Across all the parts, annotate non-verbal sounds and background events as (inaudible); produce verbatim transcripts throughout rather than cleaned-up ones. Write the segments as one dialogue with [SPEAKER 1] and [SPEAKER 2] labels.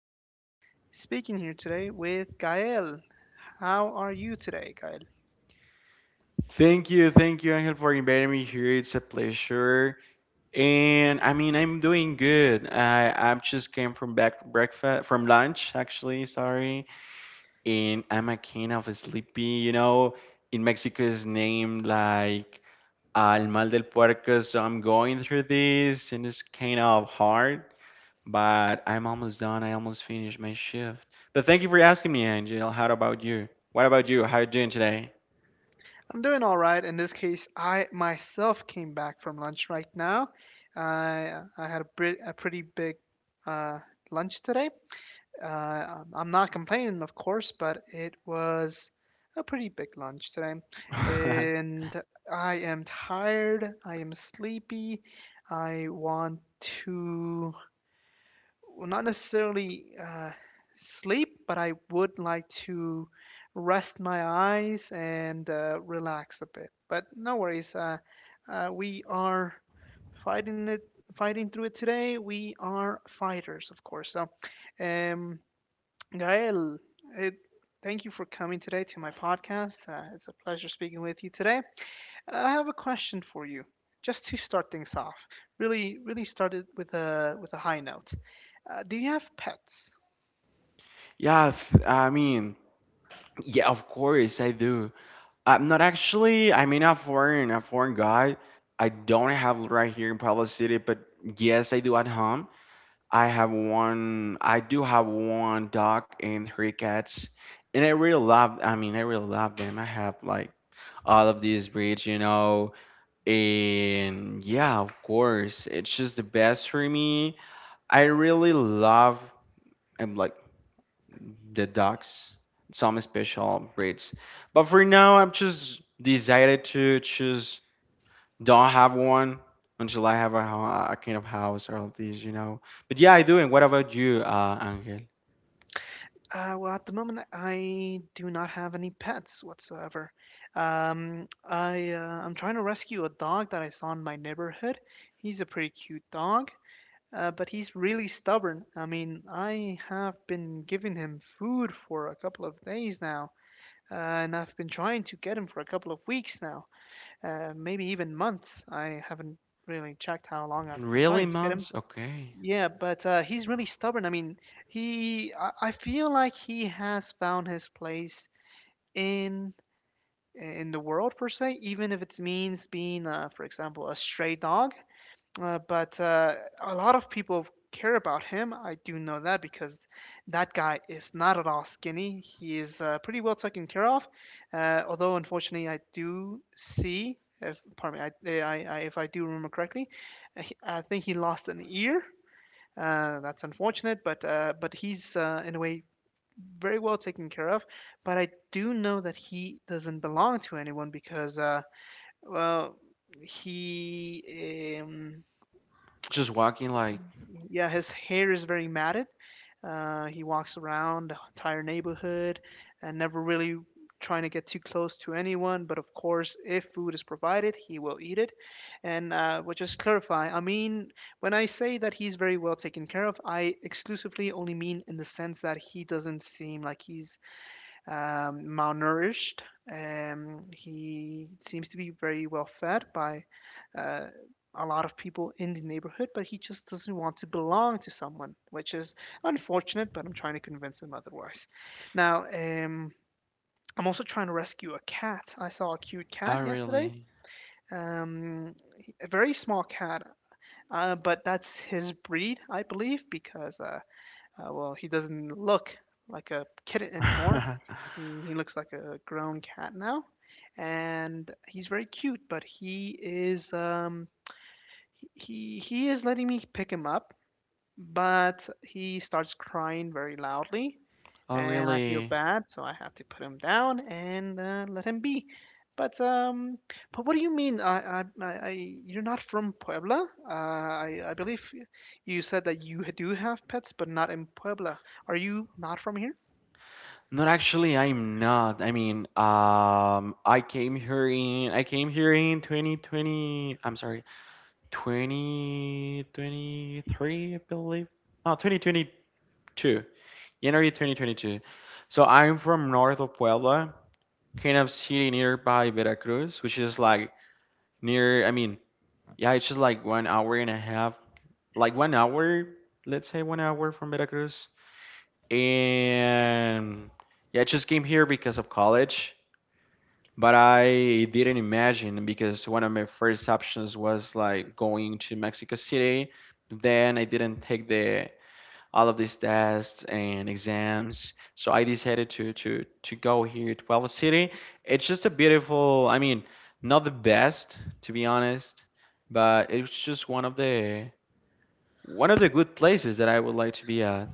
[SPEAKER 1] am speaking here today with Gael. How are you today, Gael?
[SPEAKER 2] Thank you, thank you, Angel, for inviting me here. It's a pleasure. And I mean, I'm doing good. I I just came from back breakfast from lunch, actually. Sorry, and I'm a kind of sleepy. You know, in Mexico is named like Al Mal del Puerco, so I'm going through this, and it's kind of hard. But I'm almost done. I almost finished my shift. But thank you for asking me, Angel. How about you? What about you? How you doing today?
[SPEAKER 1] I'm doing all right. In this case, I myself came back from lunch right now. I I had a, br- a pretty big uh, lunch today. Uh, um, I'm not complaining, of course, but it was a pretty big lunch today.
[SPEAKER 2] (laughs)
[SPEAKER 1] And I am tired. I am sleepy. I want to, well, not necessarily uh, sleep, but I would like to rest my eyes and uh, relax a bit. But no worries. Uh, uh, we are fighting it, fighting through it today. We are fighters, of course. So. Um, Gael, it, thank you for coming today to my podcast. Uh, it's a pleasure speaking with you today. I have a question for you, just to start things off. Really, really started with a with a high note. Uh, do you have pets?
[SPEAKER 2] Yeah, th- I mean. Yeah, of course I do. I'm not actually. I mean, a foreign, a foreign guy. I don't have right here in Puebla City, but yes, I do at home. I have one. I do have one dog and three cats, and I really love. I mean, I really love them. I have like all of these breeds, you know, and yeah, of course, it's just the best for me. I really love. I'm like the docs, some special breeds. But for now, I'm just decided to just don't have one until I have a, a kind of house or all these, you know. But yeah, I do. And what about you, uh, Angel?
[SPEAKER 1] Uh, well, at the moment, I do not have any pets whatsoever. Um, I uh, I'm trying to rescue a dog that I saw in my neighborhood. He's a pretty cute dog. Uh, but he's really stubborn. I mean, I have been giving him food for a couple of days now, uh, and I've been trying to get him for a couple of weeks now, uh, maybe even months. I haven't really checked how long I've been
[SPEAKER 2] Really,
[SPEAKER 1] trying to get him.
[SPEAKER 2] months? Okay.
[SPEAKER 1] Yeah, but uh, he's really stubborn. I mean, he I, I feel like he has found his place in in the world per se, even if it means being, uh, for example, a stray dog. Uh, but uh, a lot of people care about him. I do know that because that guy is not at all skinny. He is uh, pretty well taken care of. Uh, although, unfortunately, I do see, if pardon me, I, eh, I, I, if I do remember correctly, uh, he- I think he lost an ear. Uh, that's unfortunate, but uh, but he's uh, in a way very well taken care of. But I do know that he doesn't belong to anyone because uh, well he um,
[SPEAKER 2] Just walking like,
[SPEAKER 1] yeah, his hair is very matted. Uh, he walks around the entire neighborhood and never really trying to get too close to anyone. But of course, if food is provided, he will eat it. And uh, we'll just clarify I mean, when I say that he's very well taken care of, I exclusively only mean in the sense that he doesn't seem like he's um, malnourished. Um, he seems to be very well fed by uh, a lot of people in the neighborhood, but he just doesn't want to belong to someone, which is unfortunate, but I'm trying to convince him otherwise. Now, um, I'm also trying to rescue a cat. I saw a cute
[SPEAKER 2] oh,
[SPEAKER 1] cat yesterday,
[SPEAKER 2] really?
[SPEAKER 1] um, a very small cat, uh, but that's his breed, I believe, because uh, uh, well, he doesn't look like a kitten
[SPEAKER 2] (laughs)
[SPEAKER 1] anymore.
[SPEAKER 2] Oh,
[SPEAKER 1] He, he looks like a grown cat now, and he's very cute. But he is um, he he is letting me pick him up, but he starts crying very loudly, and I feel
[SPEAKER 2] really?
[SPEAKER 1] bad, so I have to put him down and uh, let him be. But um, but what do you mean? I, I, I, I you're not from Puebla. Uh, I, I believe you said that you do have pets, but not in Puebla. Are you not from here?
[SPEAKER 2] Not actually, I'm not. I mean, um, I came here in, I came here in twenty twenty. I'm sorry. twenty twenty-three, I believe. No, twenty twenty-two. January twenty twenty-two. So I'm from north of Puebla, kind of city nearby Veracruz, which is like near, I mean, yeah, it's just like one hour and a half, like one hour, let's say one hour from Veracruz. And yeah, I just came here because of college. But I didn't imagine because one of my first options was like going to Mexico City. Then I didn't take the all of these tests and exams, so I decided to to to go here to Puebla City. It's just a beautiful. I mean, not the best to be honest, but it's just one of the one of the good places that I would like to be at.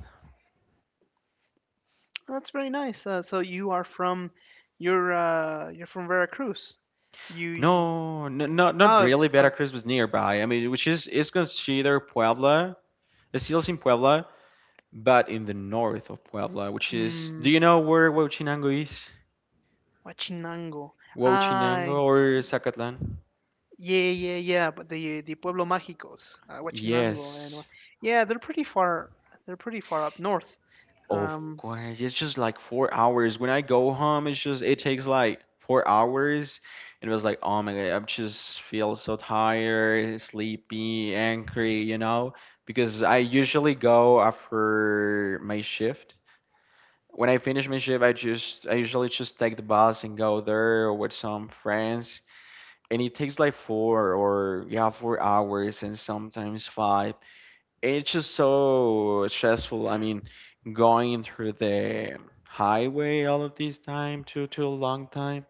[SPEAKER 1] Oh, that's very nice. Uh, so you are from, you're uh, you're from Veracruz. You, you-
[SPEAKER 2] No, n- not not
[SPEAKER 1] oh,
[SPEAKER 2] really.
[SPEAKER 1] uh,
[SPEAKER 2] Veracruz was nearby. I mean, which is is considered Puebla. It's still in Puebla, but in the north of Puebla, which is, do
[SPEAKER 1] mm,
[SPEAKER 2] you know where Huachinango is?
[SPEAKER 1] Huachinango. Ah,
[SPEAKER 2] Huachinango or Zacatlan?
[SPEAKER 1] yeah, yeah, yeah. But the the Pueblo Mágicos, uh, Huachinango, and Hua-
[SPEAKER 2] Yes,
[SPEAKER 1] yeah, they're pretty far. They're pretty far up north.
[SPEAKER 2] of
[SPEAKER 1] Um,
[SPEAKER 2] course. It's just like four hours. When I go home, it's just it takes like four hours. And it was like, oh my God, I just feel so tired, sleepy, angry, you know? Because I usually go after my shift. When I finish my shift, I just I usually just take the bus and go there with some friends, and it takes like four or yeah four hours and sometimes five, and it's just so stressful. I mean, going through the highway all of this time, too too long time.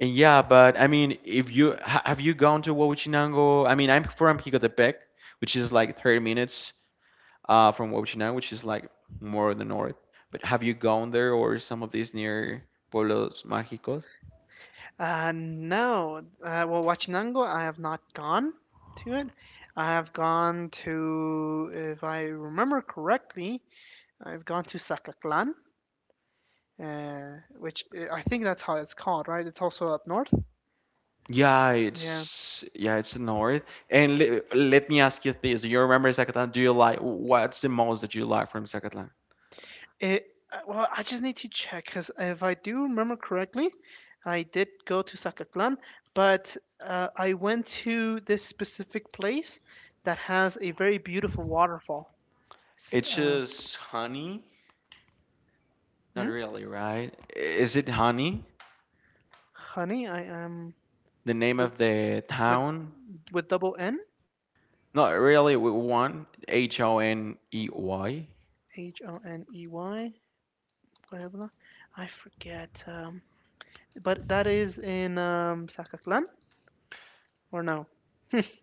[SPEAKER 2] And yeah, but I mean, if you ha- have you gone to Huachinango? I mean, I'm from Jicotepec, which is like thirty minutes uh, from Huachinango, which is like more in the north. But have you gone there or some of these near pueblos mágicos?
[SPEAKER 1] uh, no, uh, well, Huachinango, I have not gone to it. I have gone to, if I remember correctly, I've gone to Zacatlan, uh, which uh, I think that's how it's called, right? It's also up north.
[SPEAKER 2] Yeah,
[SPEAKER 1] Yeah.
[SPEAKER 2] it's yeah, it's north. And le let me ask you this: do you remember Zacatlan? Do you like, what's the most that you like from Zacatlan?
[SPEAKER 1] It uh, well, I just need to check because if I do remember correctly, I did go to Sacaclan, but uh, I went to this specific place that has a very beautiful waterfall. It's,
[SPEAKER 2] It's
[SPEAKER 1] uh,
[SPEAKER 2] just Honey? Not
[SPEAKER 1] hmm?
[SPEAKER 2] really, right? Is it Honey?
[SPEAKER 1] Honey, I am
[SPEAKER 2] The name
[SPEAKER 1] with
[SPEAKER 2] of the
[SPEAKER 1] with
[SPEAKER 2] town?
[SPEAKER 1] with double N
[SPEAKER 2] Not really. With one H O N E Y.
[SPEAKER 1] H O N E Y. Blah, I forget. Um, but that is in um, Sacaclan or no?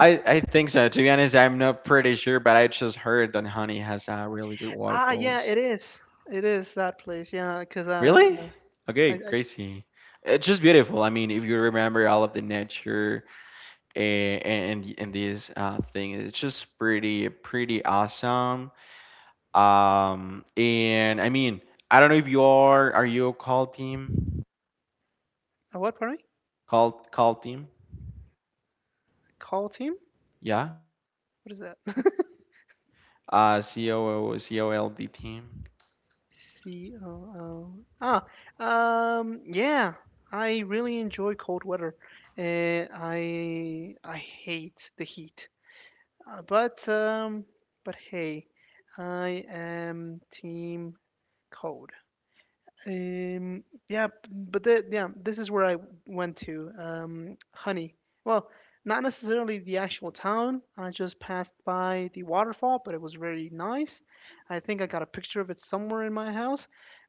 [SPEAKER 2] I I think so. To be honest, I'm not pretty sure, but I just heard that Honey has uh, really good
[SPEAKER 1] Ah, yeah, it
[SPEAKER 2] waterfalls.
[SPEAKER 1] is. It is that place. Yeah, because uh,
[SPEAKER 2] Really? Okay,
[SPEAKER 1] I, I,
[SPEAKER 2] crazy. It's just beautiful. I mean, if you remember all of the nature and and, and this uh, thing, it's just pretty pretty awesome. um and I mean, I don't know if you are are you a call team,
[SPEAKER 1] I what? Pardon me?
[SPEAKER 2] call call team,
[SPEAKER 1] Call team?
[SPEAKER 2] yeah,
[SPEAKER 1] What is that? (laughs)
[SPEAKER 2] uh coo team.
[SPEAKER 1] C O O. Ah, um, yeah. I really enjoy cold weather. Uh, I I hate the heat. Uh, but um, but hey, I am team cold. Um, yeah, b- but the, yeah, this is where I went to. Um, Honey. Well, not necessarily the actual town. I just passed by the waterfall, but it was very nice. I think I got a picture of it somewhere in my house,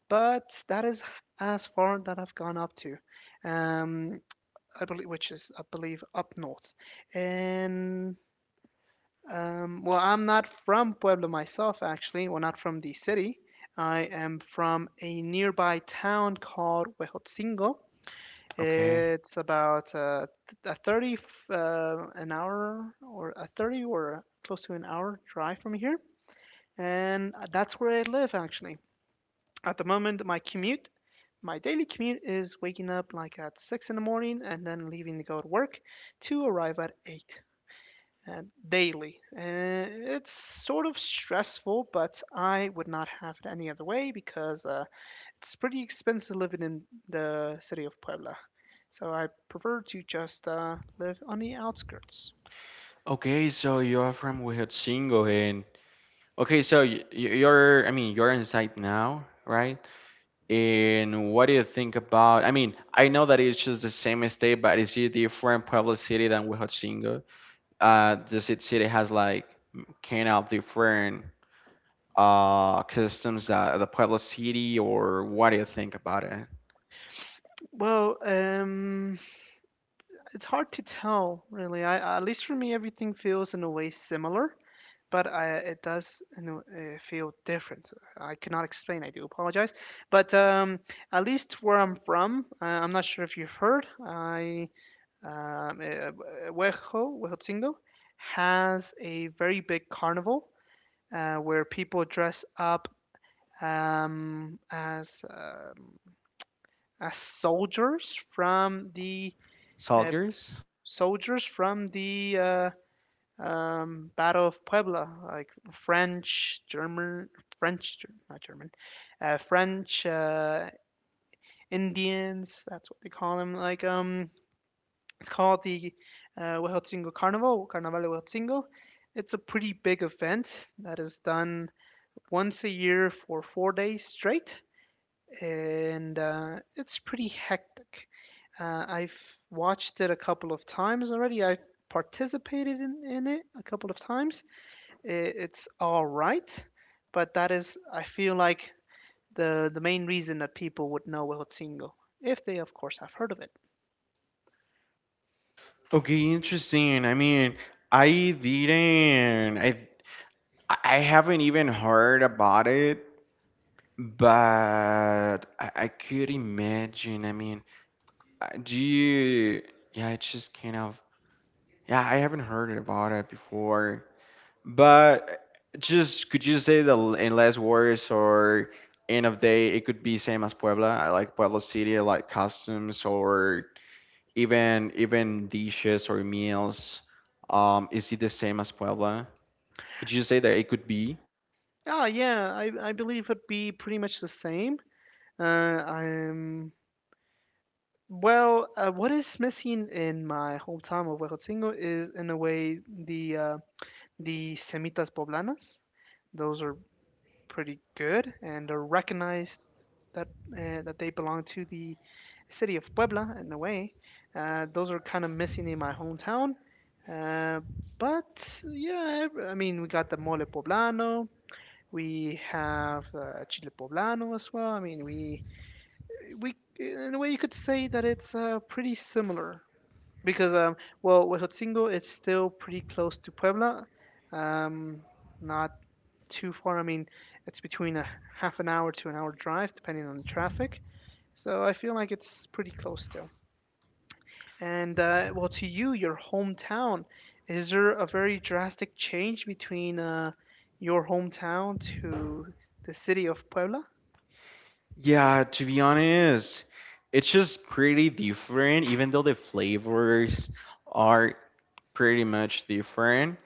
[SPEAKER 1] but that is as far that I've gone up to. Um, I believe, which is I believe up north, and um, well, I'm not from Puebla myself, actually. Well, not from the city. I am from a nearby town called Huejotzingo.
[SPEAKER 2] Okay,
[SPEAKER 1] It's about uh, a thirty, f- uh, an hour, or a thirty or close to an hour drive from here. And that's where I live, actually. At the moment, my commute, my daily commute is waking up like at six in the morning and then leaving to go to work to arrive at eight uh, daily. Uh, it's sort of stressful, but I would not have it any other way because uh, it's pretty expensive living in the city of Puebla. So I prefer to just uh, live on the outskirts.
[SPEAKER 2] okay, so you're from Huejotzingo. And okay, so y- y- you're, I mean, you're inside now, right? And what do you think about, I mean, I know that it's just the same state, but is it different pueblo city than Huejotzingo? Uh, the ci- city has like kind of different uh customs that the Puebla City, or what do you think about it?
[SPEAKER 1] Well, um, it's hard to tell, really. I, at least for me, everything feels in a way similar, but I, it does in a, uh, feel different. I cannot explain. I do apologize. But um, at least where I'm from, uh, I'm not sure if you've heard. I um, eh, eh, Huejo, Huejotzingo has a very big carnival uh, where people dress up um, as um, as soldiers from the uh,
[SPEAKER 2] Soldiers?
[SPEAKER 1] soldiers from the uh, um, Battle of Puebla, like French, German, French, not German, uh, French uh, Indians. That's what they call them. Like um, it's called the uh, Huejotzingo Carnival, Carnaval de Huejotzingo. It's a pretty big event that is done once a year for four days straight, and uh, it's pretty hectic. Uh, I've watched it a couple of times already. I've participated in, in it a couple of times. I- It's all right, but that is, I feel like, the, the main reason that people would know Huejotzingo, if they, of course, have heard of it.
[SPEAKER 2] Okay, interesting. I mean, I didn't. I I haven't even heard about it, but I, I could imagine. I mean, uh, do you? Yeah, it's just kind of. Yeah, I haven't heard about it before. But just could you say that, l- in less words, or end of day it could be same as Puebla? I like Puebla City, I like costumes or even even dishes or meals. Um, is it the same as Puebla? Could you say that it could be?
[SPEAKER 1] Ah, yeah, I, I believe it'd be pretty much the same. Uh, I'm well. Uh, what is missing in my hometown of Huejotzingo is, in a way, the uh, the semitas poblanas. Those are pretty good, and are recognized that uh, that they belong to the city of Puebla in a way. Uh, those are kind of missing in my hometown. Uh, but yeah, ev- I mean, we got the mole poblano. We have uh, chile poblano as well. I mean, we we in a way you could say that it's uh, pretty similar because um well Huejotzingo is still pretty close to Puebla, um not too far. I mean it's between a half an hour to an hour drive depending on the traffic. So I feel like it's pretty close still. And uh, well, to you, your hometown, is there a very drastic change between uh, your hometown to the city of Puebla?
[SPEAKER 2] Yeah, to be honest, it's just pretty different, even though the flavors are pretty much different.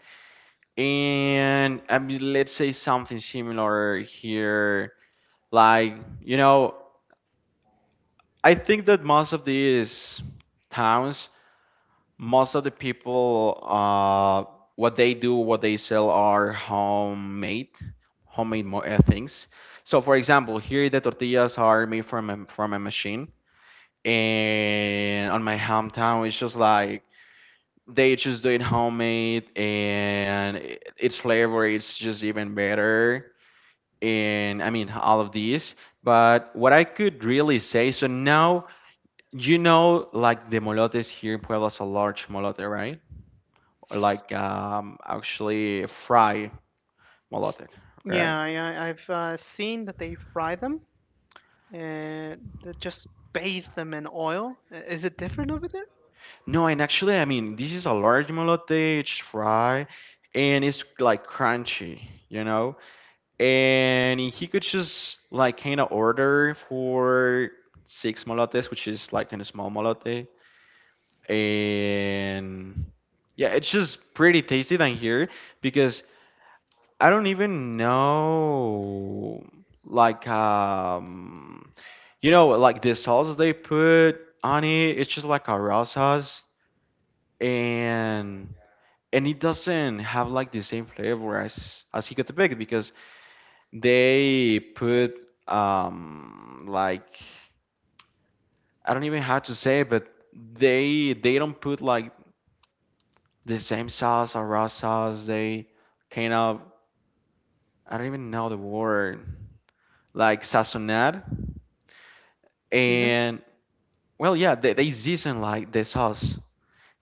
[SPEAKER 2] And I mean, let's say something similar here. Like, you know, I think that most of these towns, most of the people, uh, what they do, what they sell are homemade, homemade mo- uh, things. So, for example, here the tortillas are made from a, from a machine, and on my hometown, it's just like they just do it homemade, and i- its flavor is just even better. And I mean, all of these. But what I could really say, so now you know, like the molotes here in Puebla is a large molote, right? Or like um, actually fry molote, okay?
[SPEAKER 1] Yeah, yeah I've uh, seen that they fry them and just bathe them in oil. Is it different over there?
[SPEAKER 2] No, and actually, I mean, this is a large molote, it's fry, and it's like crunchy, you know? And he could just like kind of order for six molotes, which is like in a small molote. And yeah, it's just pretty tasty than here because I don't even know. Like um, you know, like the sauces they put on it, it's just like a raw sauce, and and it doesn't have like the same flavor as as Hicatepec, because they put um like I don't even know how to say it, but they they don't put like the same sauce or raw sauce. They kind of, I don't even know the word, like sazonar.
[SPEAKER 1] Season?
[SPEAKER 2] And well, yeah, they, they season like the sauce,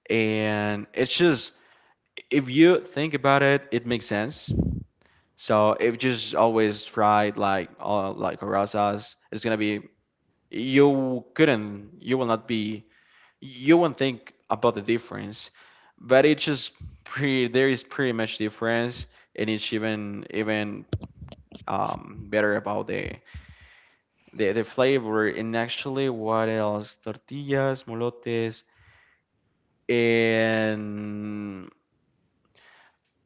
[SPEAKER 2] and it's just, if you think about it, it makes sense. So if you just always tried like uh, like raw sauce, it's gonna be, you couldn't, you will not be, you won't think about the difference. But it's just pretty, there is pretty much difference, and it's even even um, better about the, the the flavor. And actually, what else? Tortillas, molotes, and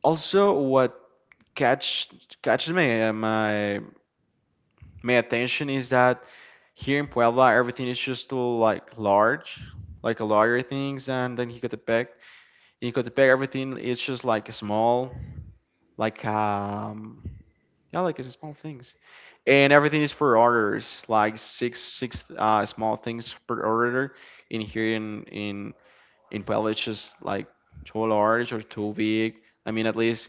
[SPEAKER 2] also what catch catches my uh, my my attention is that here in Puebla everything is just too like large, like a larger things, and then Jicotepec. In Jicotepec everything is just like small, like um yeah, like it's small things, and everything is for orders, like six six uh small things per order. In here in in in Puebla it's just like too large or too big. I mean, at least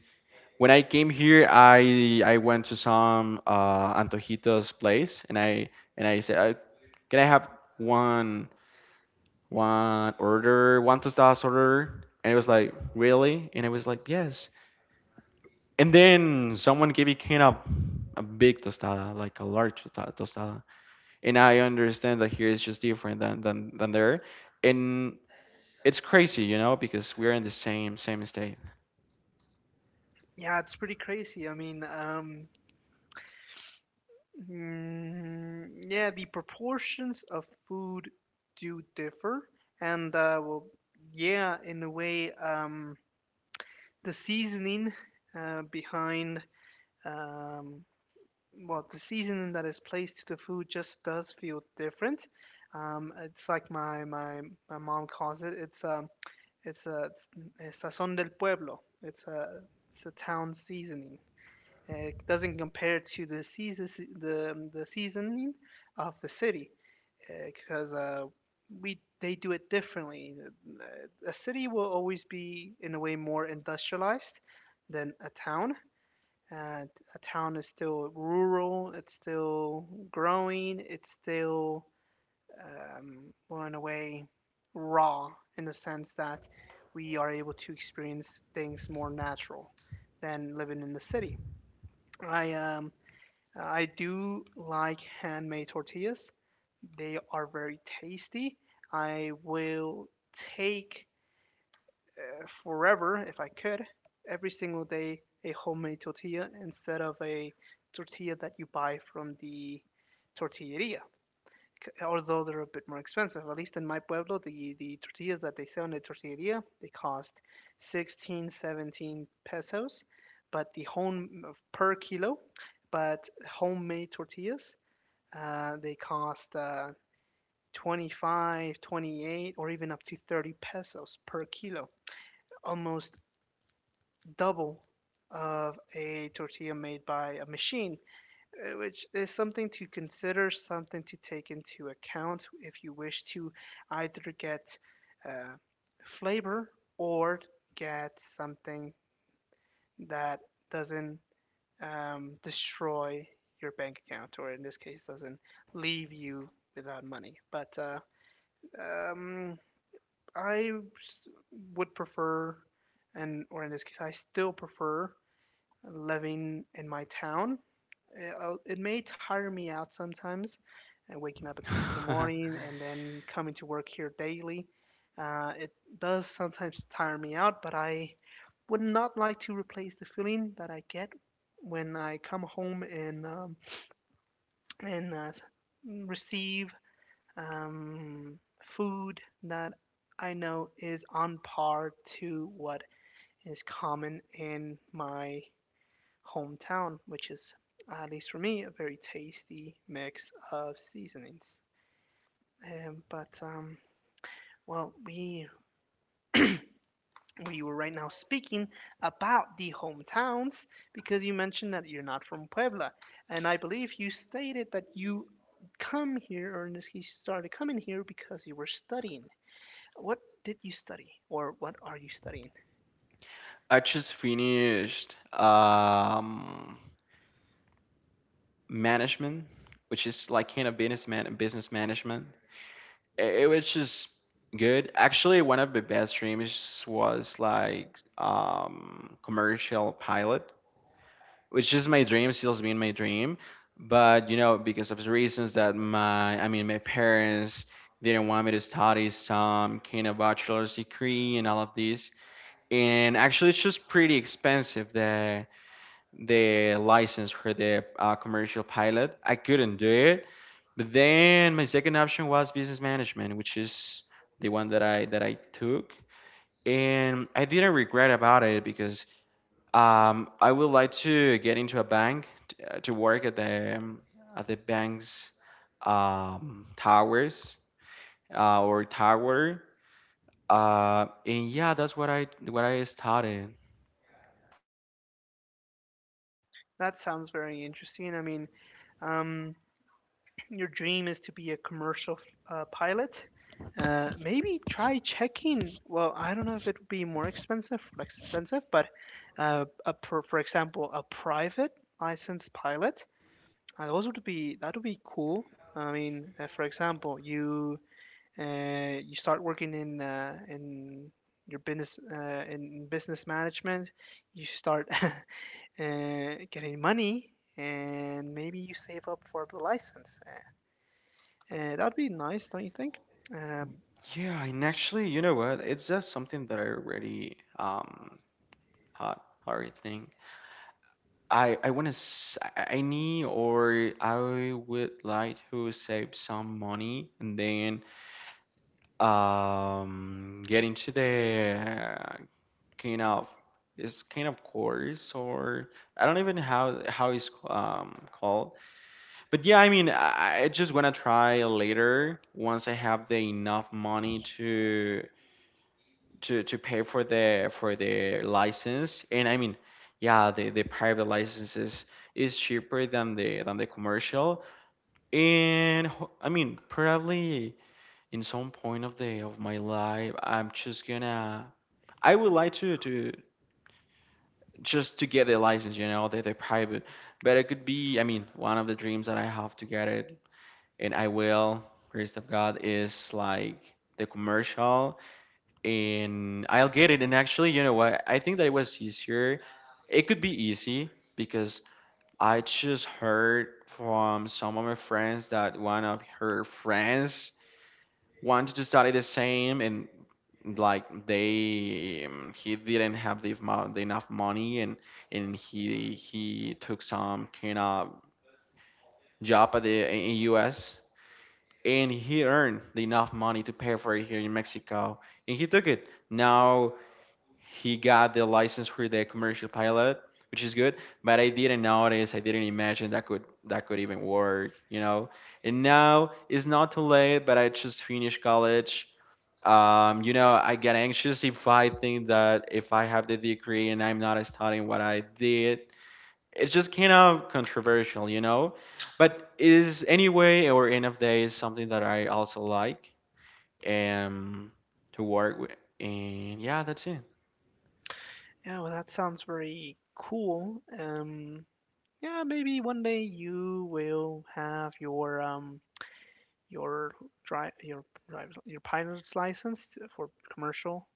[SPEAKER 2] when I came here, I I went to some uh, Antojito's place, and I and I said, uh, "Can I have one one order, one tostadas order?" And it was like, "Really?" And I was like, "Yes." And then someone gave me kind of a big tostada, like a large tosta- tostada, and I understand that here is just different than than than there, and it's crazy, you know, because we're in the same same state.
[SPEAKER 1] Yeah, it's pretty crazy. I mean, um, mm, yeah, the proportions of food do differ, and uh, well, yeah, in a way, um, the seasoning uh, behind um, well, the seasoning that is placed to the food just does feel different. Um, it's like my my my mom calls it. It's um It's a it's a sazón del pueblo. It's a it's a town seasoning. Uh, It doesn't compare to the season the the seasoning of the city because uh, we they do it differently. Uh, A city will always be in a way more industrialized than a town. And a town is still rural. It's still growing. It's still um, well, in a way, raw in the sense that we are able to experience things more natural than living in the city. I um, I do like handmade tortillas. They are very tasty. I will take uh, forever if I could every single day a homemade tortilla instead of a tortilla that you buy from the tortilleria although they're a bit more expensive. At least in my pueblo, the the tortillas that they sell in the tortilleria, they cost sixteen, seventeen pesos, but the home uh, per kilo, but homemade tortillas, uh, they cost uh, twenty-five, twenty-eight, or even up to thirty pesos per kilo, almost double of a tortilla made by a machine, uh, which is something to consider, something to take into account if you wish to either get uh, flavor or get something that doesn't um, destroy your bank account, or in this case, doesn't leave you without money. But uh, um, I s- would prefer, and or in this case, I still prefer living in my town. It, uh, I'll- it may tire me out sometimes, uh, waking up at six in the
[SPEAKER 2] (laughs)
[SPEAKER 1] morning and then coming to work here daily. Uh, it does sometimes tire me out, but I would not like to replace the feeling that I get when I come home and um, and uh, s- receive um, food that I know is on par to what is common in my hometown, which is, at least for me, a very tasty mix of seasonings. Um, but um, well, we we were right now speaking about the hometowns because you mentioned that you're not from Puebla, and I believe you stated that you come here, or in this case, you started coming here because you were studying. What did you study, or what are you studying?
[SPEAKER 2] I just finished. Um, management, which is like kind of businessman and business management. It, it was just good. Actually, one of the best dreams was like um, commercial pilot, which is my dream, still has been my dream. But you know, because of the reasons that my, I mean, my parents didn't want me to study some kind of bachelor's degree and all of this. And actually, it's just pretty expensive. The the license for the uh, commercial pilot. I couldn't do it. But then my second option was business management, which is the one that I that I took, and I didn't regret about it because um, I would like to get into a bank t- uh, to work at the um, at the bank's um, towers uh, or tower, uh, and yeah, that's what I what I started.
[SPEAKER 1] That sounds very interesting. I mean, um, your dream is to be a commercial uh, pilot. Uh, maybe try checking. Well, I don't know if it would be more expensive, less expensive, but uh, a, per, for example, a private licensed pilot. Uh, those would be That would be cool. I mean, uh, for example, you uh, you start working in uh, in your business uh, in business management. You start (laughs) uh, getting money, and maybe you save up for the license. Uh, that would be nice, don't you think? Um,
[SPEAKER 2] Yeah, and actually, you know what? It's just something that I already um, thought already think, I I want to, I need, or I would like to save some money and then um get into the uh, kind of, it's kind of course, or I don't even how how it's um called. But yeah, I mean, I, I just wanna try later once I have the enough money to to to pay for the for the license. And I mean, yeah, the the private licenses is cheaper than the than the commercial. And ho- I mean, probably in some point of the of my life, I'm just gonna, I would like to to just to get the license, you know, the, the private. But it could be, I mean, one of the dreams that I have to get it. And I will praise of god is like the commercial, and I'll get it. And actually, you know what? I think that it was easier. It could be easy because I just heard from some of my friends that one of her friends wanted to study the same. And like they um, he didn't have the amount, the enough money, and and he he took some kind of job at the in U S, and he earned the enough money to pay for it here in Mexico, and he took it, now he got the license for the commercial pilot, which is good. But I didn't notice. I didn't imagine that could that could even work, you know. And now it's not too late. But I just finished college. Um, you know, I get anxious if I think that if I have the degree and I'm not studying what I did, it's just kind of controversial, you know. But it is anyway or end of day is something that I also like um to work with. And yeah, that's it.
[SPEAKER 1] yeah, well, that sounds very cool. Um, yeah, maybe one day you will have your um your drive your your pilot's license for commercial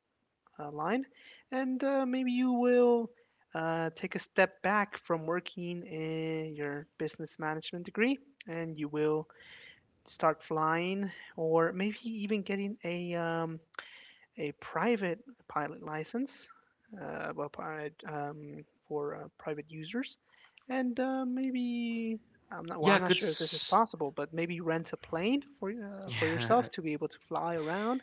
[SPEAKER 1] uh, line, and uh, maybe you will uh, take a step back from working in your business management degree, and you will start flying, or maybe even getting a um a private pilot license. uh, well, um, for uh, private users, and uh, maybe I'm not well.
[SPEAKER 2] Yeah,
[SPEAKER 1] I'm not
[SPEAKER 2] good.
[SPEAKER 1] sure if this is
[SPEAKER 2] s-
[SPEAKER 1] possible, but maybe rent a plane for uh, for yourself
[SPEAKER 2] Yeah,
[SPEAKER 1] to be able to fly around.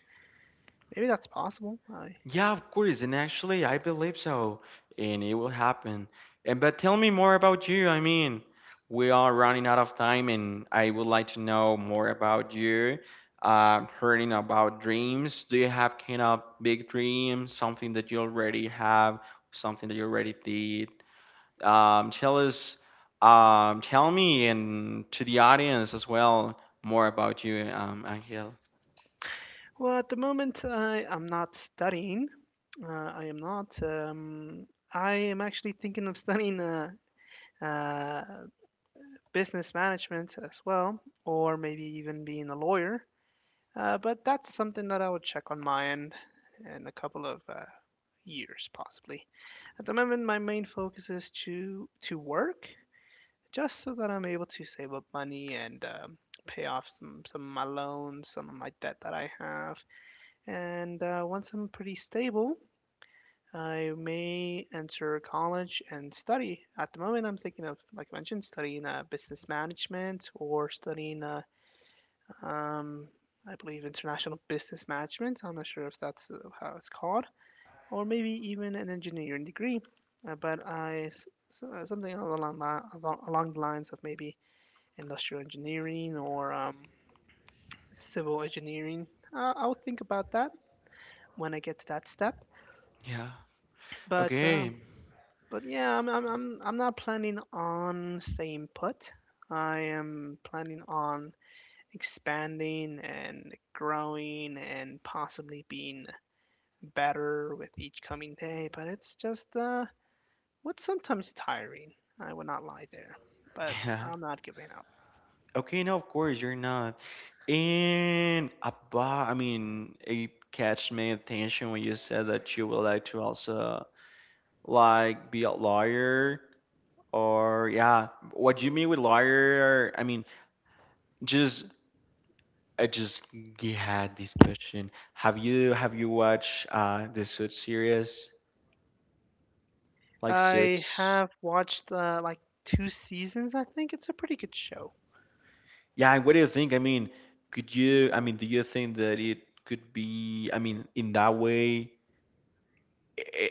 [SPEAKER 1] Maybe that's possible. I,
[SPEAKER 2] (laughs) yeah, of course, and actually, I believe so, and it will happen. And but tell me more about you. I mean, we are running out of time, and I would like to know more about you. Uh, hearing about dreams, do you have kind of big dreams, something that you already have, something that you already did? Um, tell us, um, tell me and to the audience as well more about you, um, Angel.
[SPEAKER 1] well, at the moment, I am not studying. Uh, I am not. Um, I am actually thinking of studying uh, uh, business management as well, or maybe even being a lawyer. Uh, but that's something that I would check on my end in a couple of uh, years, possibly. At the moment, my main focus is to to work, just so that I'm able to save up money and um, pay off some some of my loans, some of my debt that I have. And uh, once I'm pretty stable, I may enter college and study. At the moment, I'm thinking of, like I mentioned, studying uh, business management or studying uh, um, I believe international business management. I'm not sure if that's uh, how it's called, or maybe even an engineering degree. Uh, but I s- s- uh, Something along li- along along the lines of maybe industrial engineering or um, civil engineering. Uh, I'll think about that when I get to that step.
[SPEAKER 2] Yeah.
[SPEAKER 1] But um
[SPEAKER 2] Okay.
[SPEAKER 1] but yeah, I'm, I'm I'm I'm not planning on staying put. I am planning on expanding and growing and possibly being better with each coming day, but it's just uh, what's sometimes tiring. I would not lie there, but
[SPEAKER 2] (laughs) Yeah.
[SPEAKER 1] I'm not giving up.
[SPEAKER 2] Okay, no, of course you're not. And about, I mean, it catch my attention when you said that you would like to also like be a lawyer or yeah. What do you mean with lawyer? I mean, just I just g- had this question. Have you have you watched uh the Suits series? Like
[SPEAKER 1] I
[SPEAKER 2] Suits?
[SPEAKER 1] have watched uh, like two seasons. I think it's a pretty good show.
[SPEAKER 2] Yeah, and what do you think? I mean, could you I mean, do you think that it could be I mean, in that way? eh,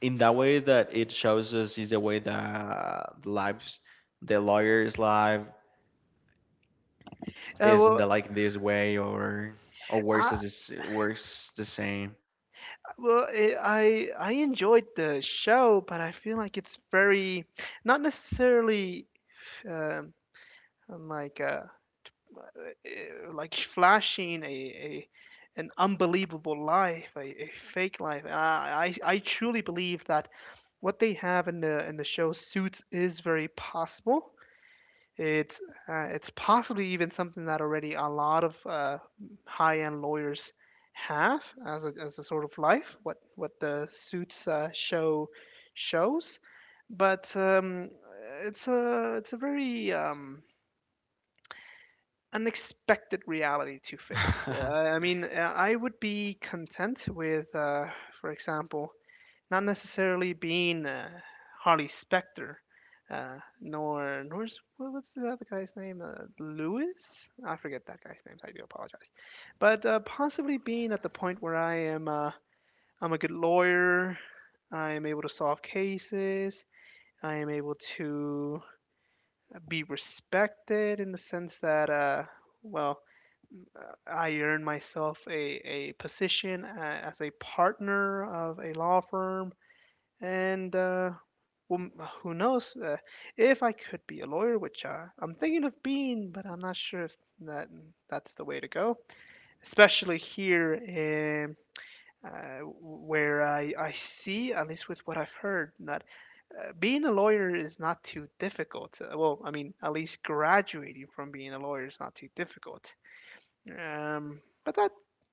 [SPEAKER 2] in that way that it shows us is the way that the lives the lawyer's life
[SPEAKER 1] Uh,
[SPEAKER 2] isn't
[SPEAKER 1] well,
[SPEAKER 2] the, like this way, or or
[SPEAKER 1] I
[SPEAKER 2] works as it's works the same.
[SPEAKER 1] well it, I I enjoyed the show, but I feel like it's very not necessarily um, like uh, uh, like flashing a, a an unbelievable life, a, a fake life. I, I I truly believe that what they have in the in the show Suits is very possible. It's uh, it's possibly even something that already a lot of uh, high-end lawyers have as a, as a sort of life. What what the Suits uh, show shows, but um, it's a it's a very um, unexpected reality to face. Uh,
[SPEAKER 2] (laughs)
[SPEAKER 1] I mean, uh, I would be content with, uh, for example, not necessarily being uh, Harley Specter, uh, nor nor is- what- what's the other guy's name? Uh, Lewis? I forget that guy's name. I do apologize, but uh, possibly being at the point where I am uh, I'm a good lawyer. I am able to solve cases. I am able to be respected in the sense that uh, well, uh, I earn myself a, a position uh, as a partner of a law firm and uh, who who knows uh, if I could be a lawyer, which uh, I'm thinking of being, but I'm not sure if that that's the way to go, especially here in. Uh, where I, I see, at least with what I've heard, that uh, being a lawyer is not too difficult. Uh, well, I mean, at least graduating from being a lawyer is not too difficult. Um, but that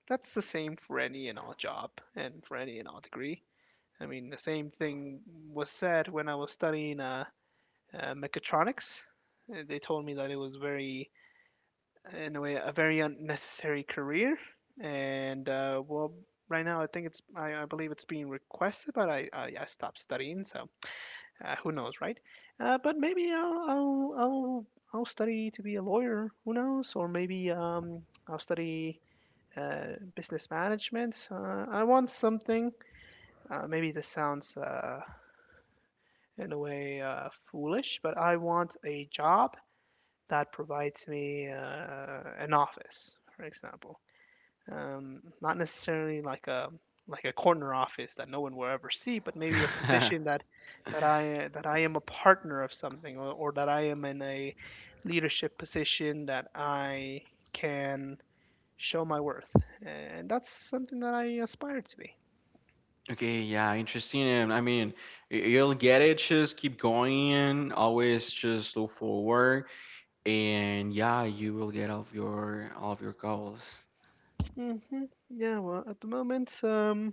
[SPEAKER 1] That's the same for any and all job and for any and all degree. I mean, the same thing was said when I was studying uh, uh, mechatronics. Uh, They told me that it was very, in a way, a very unnecessary career. And uh, well, right now I think it's, I, I believe it's being requested, but I, I, I stopped studying, so uh, who knows, right? Uh, but maybe I'll, I'll, I'll, I'll study to be a lawyer. Who knows? Or maybe um, I'll study uh, business management. Uh, I want something. Uh, maybe this sounds Uh, in a way uh, foolish, but I want a job that provides me uh, an office, for example. Um, not necessarily like a like a corner office that no one will ever see, but maybe a position that that I that I am a partner of something, or, or that I am in a leadership position that I can show my worth, and that's something that I aspire to be.
[SPEAKER 2] Okay, yeah, interesting. And I mean, y- you'll get it, just keep going, always just look forward, and yeah, you will get all of your all of your goals.
[SPEAKER 1] hmm Yeah, well, at the moment, um,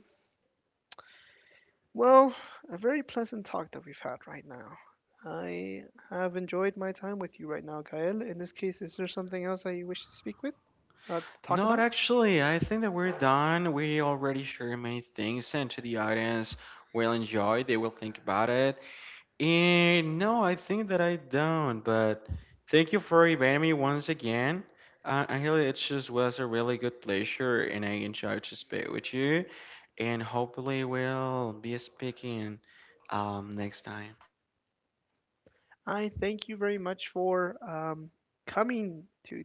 [SPEAKER 1] well, a very pleasant talk that we've had right now. I have enjoyed my time with you right now, Gael. In this case, is there something else that you wish to speak with, uh, talk
[SPEAKER 2] Not
[SPEAKER 1] about?
[SPEAKER 2] actually. I think that we're done. We already shared many things, and to the audience, will enjoy. They will think about it. And no, I think that I don't. But thank you for inviting me once again. Uh, Angela, it just was a really good pleasure, and I enjoyed to speak with you. And hopefully, we'll be speaking um, next time.
[SPEAKER 1] I thank you very much for um, coming to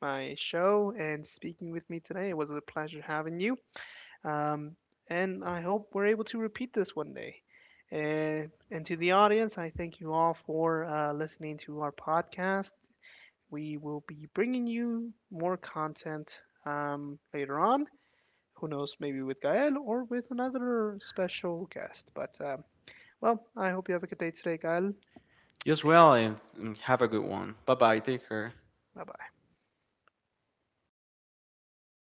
[SPEAKER 1] my show and speaking with me today. It was a pleasure having you. Um, and I hope we're able to repeat this one day. Uh, and to the audience, I thank you all for uh, listening to our podcast. We will be bringing you more content um, later on. Who knows, maybe with Gael or with another special guest. But, um, well, I hope you have a good day today, Gael.
[SPEAKER 2] You as
[SPEAKER 1] Take care.
[SPEAKER 2] well, and and have a good one. Bye bye. Take care.
[SPEAKER 1] Bye bye.